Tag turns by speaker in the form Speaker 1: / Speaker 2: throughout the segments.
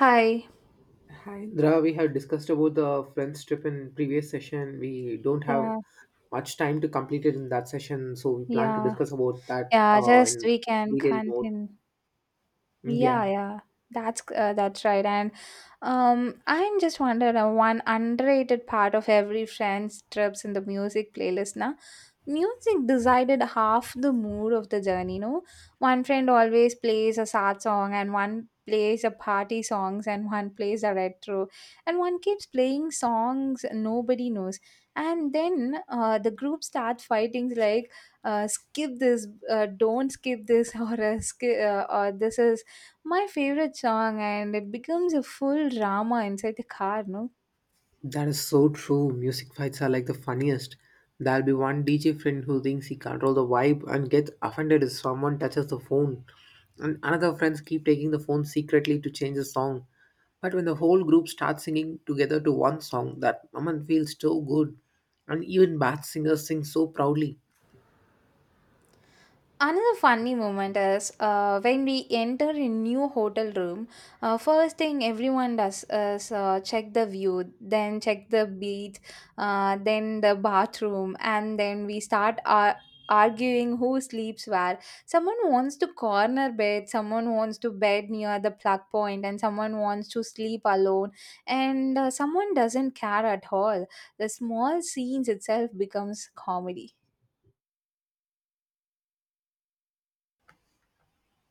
Speaker 1: Hi.
Speaker 2: Hi, Indra. We had discussed about the friends trip in previous session. We don't have
Speaker 1: Yeah,
Speaker 2: much time to complete it in that session, so we plan to
Speaker 1: yeah,
Speaker 2: discuss about that
Speaker 1: yeah. Just
Speaker 2: in
Speaker 1: we can
Speaker 2: detail more.
Speaker 1: continue. Yeah,
Speaker 2: Yeah.
Speaker 1: yeah, that's right. And I'm just wondering one underrated part of every friend's trips in the music playlist. Na. Music decided half the mood of the journey. No, one friend always plays a sad song, and one plays a party songs, and one plays a retro, and one keeps playing songs nobody knows. And then the group starts fighting like skip this, don't skip this, or skip, or this is my favorite song, and it becomes a full drama inside the car, no?
Speaker 2: That is so true. Music fights are like the funniest. There'll be one DJ friend who thinks he control the vibe and gets offended if someone touches the phone. And another friends keep taking the phone secretly to change the song. But when the whole group starts singing together to one song, that moment feels so good. And even bad singers sing so proudly.
Speaker 1: Another funny moment is when we enter a new hotel room, first thing everyone does is check the view, then check the beach, then the bathroom, and then we arguing who sleeps where. Someone wants to corner bed, someone wants to bed near the plug point, and someone wants to sleep alone, and someone doesn't care at all. The small scenes itself becomes comedy.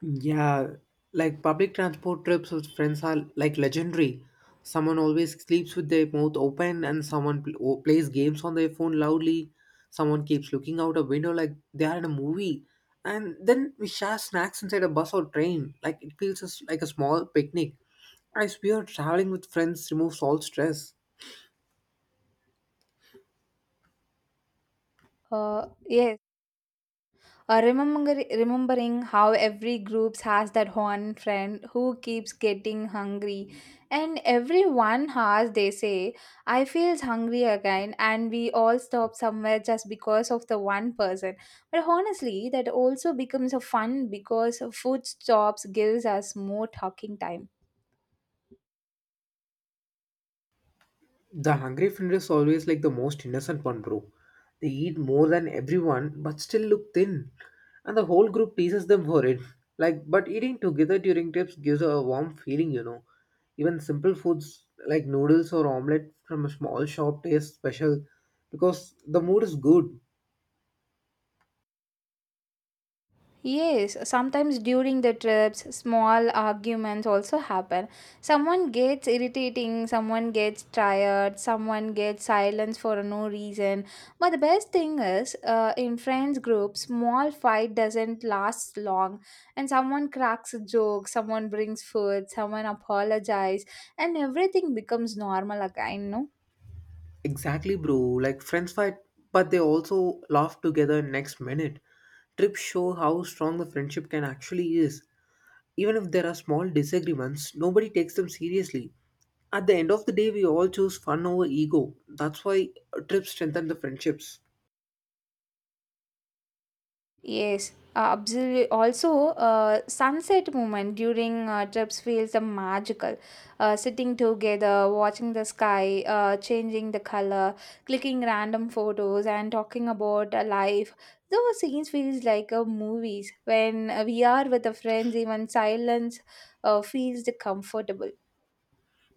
Speaker 2: Yeah, like public transport trips with friends are like legendary. Someone always sleeps with their mouth open, and someone plays games on their phone loudly. Someone keeps looking out a window like they are in a movie. And then we share snacks inside a bus or train. Like it like a small picnic. I swear, traveling with friends removes all stress.
Speaker 1: Yes. Remembering how every group has that one friend who keeps getting hungry, and every 1 hour they say, "I feels hungry again," and we all stop somewhere just because of the one person. But honestly, that also becomes a fun because food stops gives us more talking time.
Speaker 2: The hungry friend is always like the most innocent one, bro. They eat more than everyone but still look thin. And the whole group teases them for it. Like, but eating together during trips gives a warm feeling, you know. Even simple foods like noodles or omelette from a small shop taste special because the mood is good.
Speaker 1: Yes, sometimes during the trips, small arguments also happen. Someone gets irritating, someone gets tired, someone gets silence for no reason. But the best thing is, in friends group, small fight doesn't last long, and someone cracks a joke, someone brings food, someone apologizes, and everything becomes normal again. No.
Speaker 2: Exactly, bro. Like, friends fight, but they also laugh together next minute. Trips show how strong the friendship can actually is. Even if there are small disagreements, nobody takes them seriously. At the end of the day, we all choose fun over ego. That's why trips strengthen the friendships.
Speaker 1: Yes, absolutely. Also, sunset moment during trips feels magical. Sitting together, watching the sky, changing the color, clicking random photos, and talking about life. Those scenes feels like movies. When we are with the friends, even silence feels comfortable.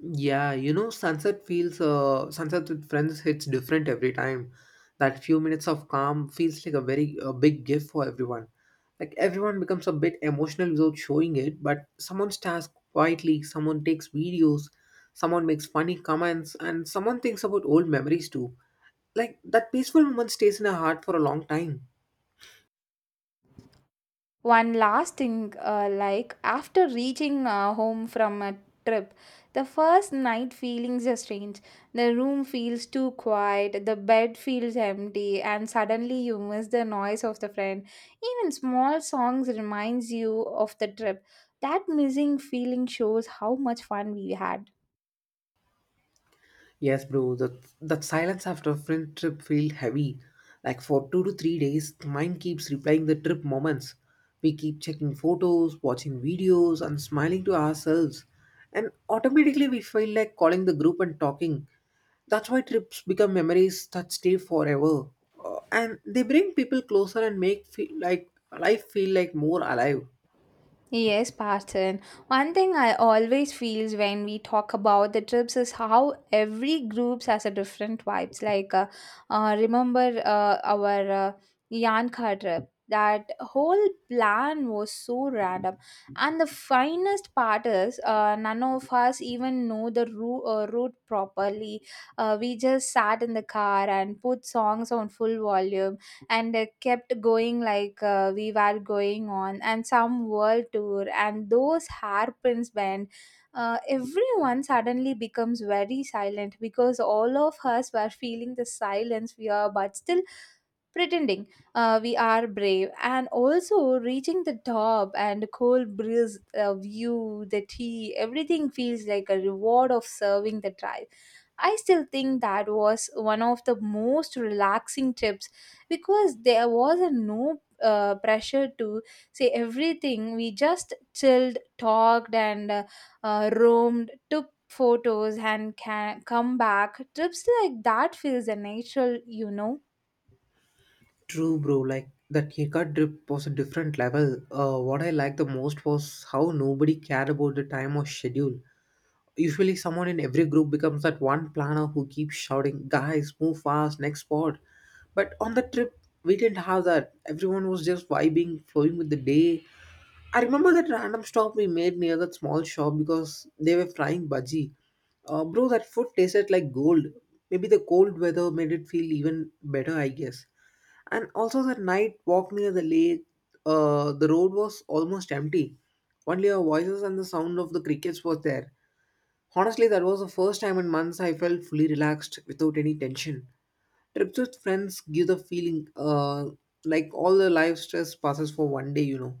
Speaker 2: Yeah, you know, sunset with friends hits different every time. That few minutes of calm feels like a very a big gift for everyone. Like everyone becomes a bit emotional without showing it, but someone stares quietly, someone takes videos, someone makes funny comments, and someone thinks about old memories too. Like that peaceful moment stays in our heart for a long time.
Speaker 1: One last thing, like after reaching home from a trip, the first night feelings are strange. The room feels too quiet, the bed feels empty, and suddenly you miss the noise of the friend. Even small songs reminds you of the trip. That missing feeling shows how much fun we had.
Speaker 2: Yes, bro, that silence after a friend trip feel heavy. Like for 2 to 3 days, the mind keeps replaying the trip moments. We keep checking photos, watching videos, and smiling to ourselves. And automatically we feel like calling the group and talking. That's why trips become memories that stay forever. And they bring people closer and make feel like life feel like more alive.
Speaker 1: Yes, Parton. One thing I always feels when we talk about the trips is how every groups has a different vibes. Like, remember our Yanka trip? That whole plan was so random, and the finest part is none of us even know the route properly. We just sat in the car and put songs on full volume and kept going like we were going on and some world tour, and those hairpins bend, everyone suddenly becomes very silent because all of us were feeling the silence we are, but still pretending we are brave and also reaching the top, and cold breeze, view, the tea, everything feels like a reward of serving the tribe. I still think that was one of the most relaxing trips because there was a no pressure to say everything. We just chilled, talked, and roamed, took photos, and can come back. Trips like that feels a natural, you know.
Speaker 2: True, bro. Like that haircut drip was a different level. What I liked the most was how nobody cared about the time or schedule. Usually, someone in every group becomes that one planner who keeps shouting, "Guys, move fast, next spot." But on the trip, we didn't have that. Everyone was just vibing, flowing with the day. I remember that random stop we made near that small shop because they were frying budgie. Bro, that food tasted like gold. Maybe the cold weather made it feel even better, I guess. And also that night walk near the lake, the road was almost empty. Only our voices and the sound of the crickets was there. Honestly, that was the first time in months I felt fully relaxed without any tension. Trips with friends give the feeling, like all the life stress passes for one day, you know.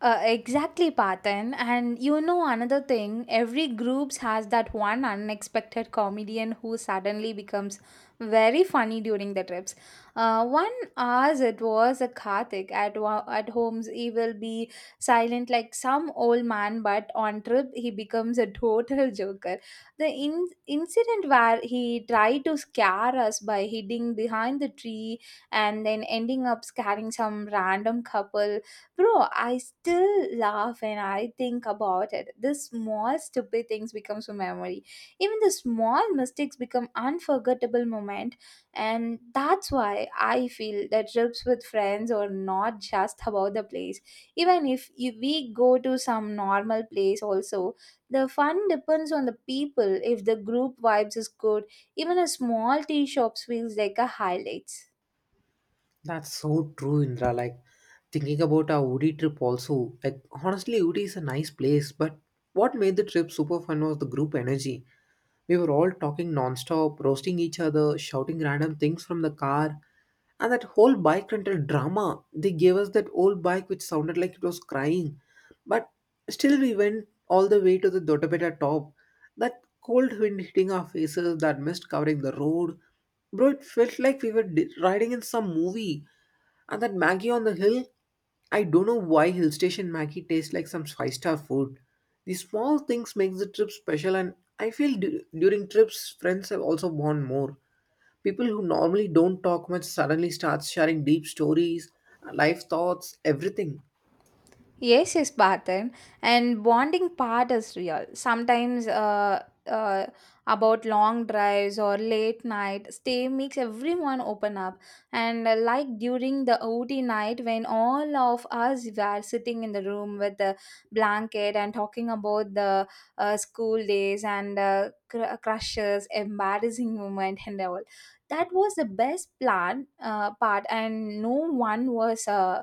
Speaker 1: Exactly, Patan. And you know another thing, every groups has that one unexpected comedian who suddenly becomes very funny during the trips. One, as it was a Karthik at at homes, he will be silent like some old man, but on trip he becomes a total joker. The incident where he tried to scare us by hiding behind the tree and then ending up scaring some random couple. Bro, I still laugh and I think about it. The small stupid things becomes a memory. Even the small mistakes become unforgettable moment, and that's why I feel that trips with friends are not just about the place. Even if we go to some normal place also, the fun depends on the people. If the group vibes is good, even a small tea shops feels like a highlights.
Speaker 2: That's so true, Indra. Like thinking about our Udi trip also. Like honestly, Udi is a nice place, but what made the trip super fun was the group energy. We were all talking nonstop, roasting each other, shouting random things from the car. And that whole bike rental drama, they gave us that old bike which sounded like it was crying. But still, we went all the way to the Dottapeta top. That cold wind hitting our faces, that mist covering the road. Bro, it felt like we were riding in some movie. And that Maggie on the hill, I don't know why Hill Station Maggie tastes like some five-star food. These small things makes the trip special and I feel during trips friends have also bond more. People who normally don't talk much suddenly starts sharing deep stories, life thoughts, everything.
Speaker 1: Yes, yes, Parthen. And bonding part is real. Sometimes about long drives or late night stay makes everyone open up. And like during the OT night when all of us were sitting in the room with the blanket and talking about the school days and crushes, embarrassing moment and all. That was the best plan part, and no one was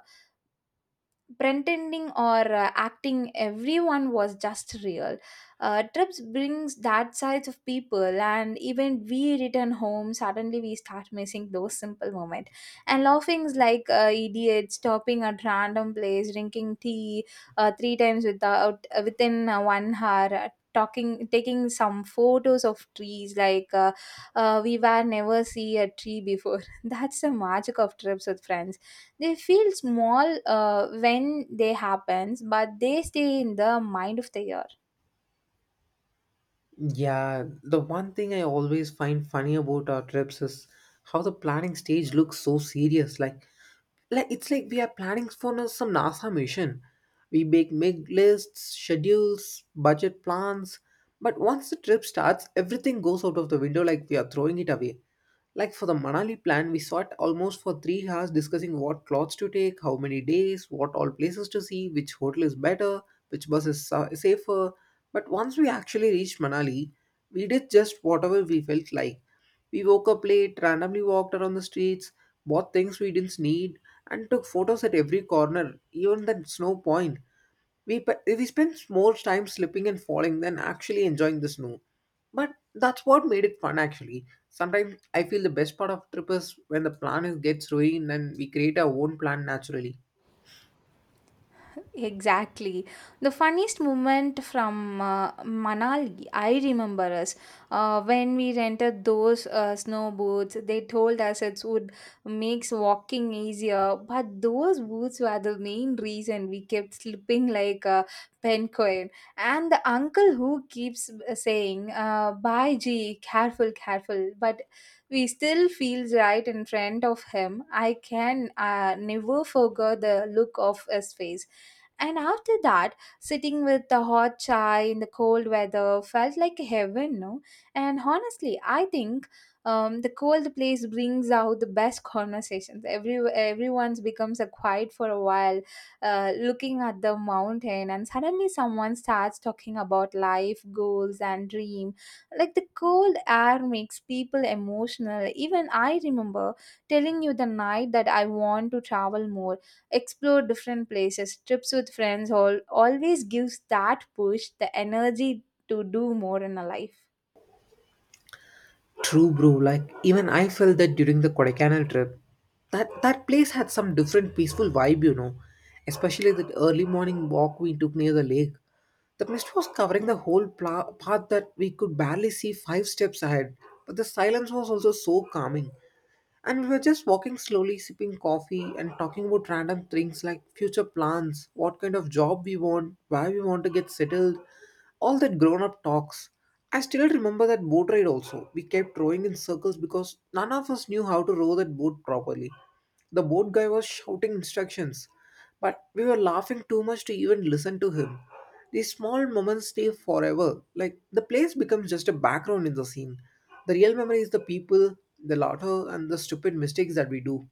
Speaker 1: pretending or acting. Everyone was just real. Trips brings that sides of people, and even we return home suddenly we start missing those simple moments and laughings like idiots, stopping at random place drinking tea three times without within 1 hour, talking, taking some photos of trees like we were never see a tree before. That's the magic of trips with friends. They feel small when they happens, but they stay in the mind of the year.
Speaker 2: Yeah, the one thing I always find funny about our trips is how the planning stage looks so serious. Like, it's like we are planning for some NASA mission. We make lists, schedules, budget plans, but once the trip starts, everything goes out of the window like we are throwing it away. Like for the Manali plan, we sat almost for 3 hours discussing what clothes to take, how many days, what all places to see, which hotel is better, which bus is safer, but once we actually reached Manali, we did just whatever we felt like. We woke up late, randomly walked around the streets, bought things we didn't need, and took photos at every corner, even the snow point. We spent more time slipping and falling than actually enjoying the snow. But that's what made it fun actually. Sometimes I feel the best part of trip is when the plan gets ruined and we create our own plan naturally.
Speaker 1: Exactly. The funniest moment from Manali, I remember us when we rented those snow boots. They told us it would makes walking easier, but those boots were the main reason we kept slipping like a penguin. And the uncle who keeps saying, "Bye, G, careful, careful," but we still feels right in front of him. I can never forget the look of his face, and after that, sitting with the hot chai in the cold weather felt like heaven, no? And honestly, I think the cold place brings out the best conversations. Everyone's becomes a quiet for a while, looking at the mountain, and suddenly someone starts talking about life goals and dream. Like the cold air makes people emotional. Even I remember telling you the night that I want to travel more, explore different places. Trips with friends all always gives that push, the energy to do more in a life.
Speaker 2: True, bro. Like even I felt that during the Kodaikanal trip. That place had some different peaceful vibe, you know. Especially that early morning walk we took near the lake. The mist was covering the whole path that we could barely see five steps ahead. But the silence was also so calming. And we were just walking slowly, sipping coffee and talking about random things like future plans, what kind of job we want, where we want to get settled, all that grown up talks. I still remember that boat ride also. We kept rowing in circles because none of us knew how to row that boat properly. The boat guy was shouting instructions, but we were laughing too much to even listen to him. These small moments stay forever. Like the place becomes just a background in the scene. The real memory is the people, the laughter, and the stupid mistakes that we do.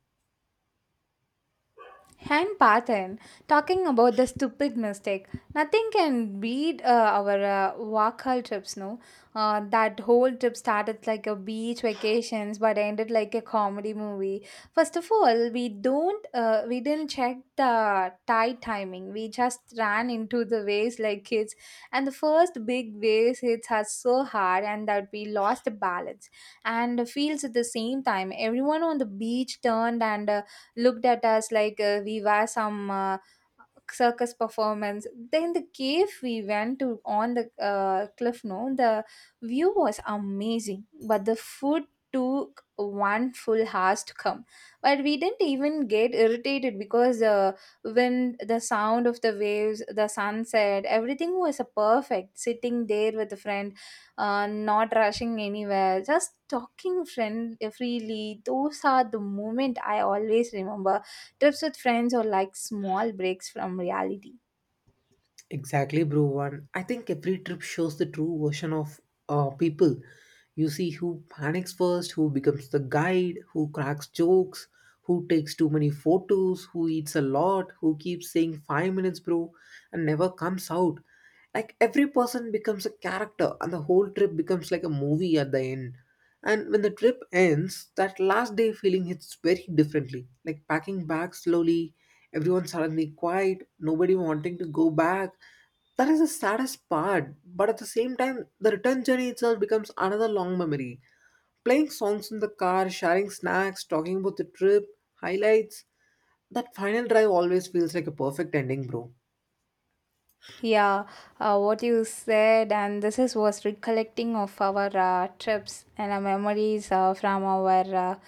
Speaker 1: And Pathan, talking about the stupid mistake, nothing can beat our Wakal trips, no? That whole trip started like a beach vacations, but ended like a comedy movie. First of all, we didn't check the tide timing. We just ran into the waves like kids, and the first big waves hits us so hard, and that we lost the balance and feels at the same time. Everyone on the beach turned and looked at us like we were some circus performance. Then the cave we went to on the cliff, no, the view was amazing, but the food took one full hours to come, but we didn't even get irritated because the wind, the sound of the waves, the sunset, everything was perfect. Sitting there with a friend, not rushing anywhere, just talking friend freely. Those are the moment I always remember. Trips with friends or like small breaks from reality.
Speaker 2: Exactly, bro. One, I think every trip shows the true version of people. You see who panics first, who becomes the guide, who cracks jokes, who takes too many photos, who eats a lot, who keeps saying 5 minutes, bro, and never comes out. Like every person becomes a character, and the whole trip becomes like a movie at the end. And when the trip ends, that last day feeling hits very differently. Like packing bags slowly, everyone suddenly quiet, nobody wanting to go back. That is the saddest part, but at the same time, the return journey itself becomes another long memory. Playing songs in the car, sharing snacks, talking about the trip, highlights. That final drive always feels like a perfect ending, bro.
Speaker 1: Yeah, what you said, and this is was recollecting of our trips and our memories from our uh,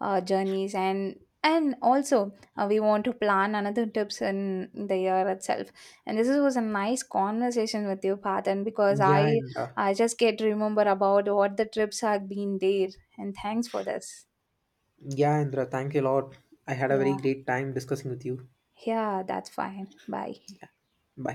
Speaker 1: uh, journeys, and also we want to plan another trips in the year itself. And this was a nice conversation with you, Patan, because
Speaker 2: Yeah,
Speaker 1: I
Speaker 2: Indra.
Speaker 1: I just get to remember about what the trips have been there, and thanks for this.
Speaker 2: Yeah, Indra, thank you a lot. I had a very
Speaker 1: Yeah,
Speaker 2: great time discussing with you.
Speaker 1: yeah, that's fine. Bye.
Speaker 2: Bye.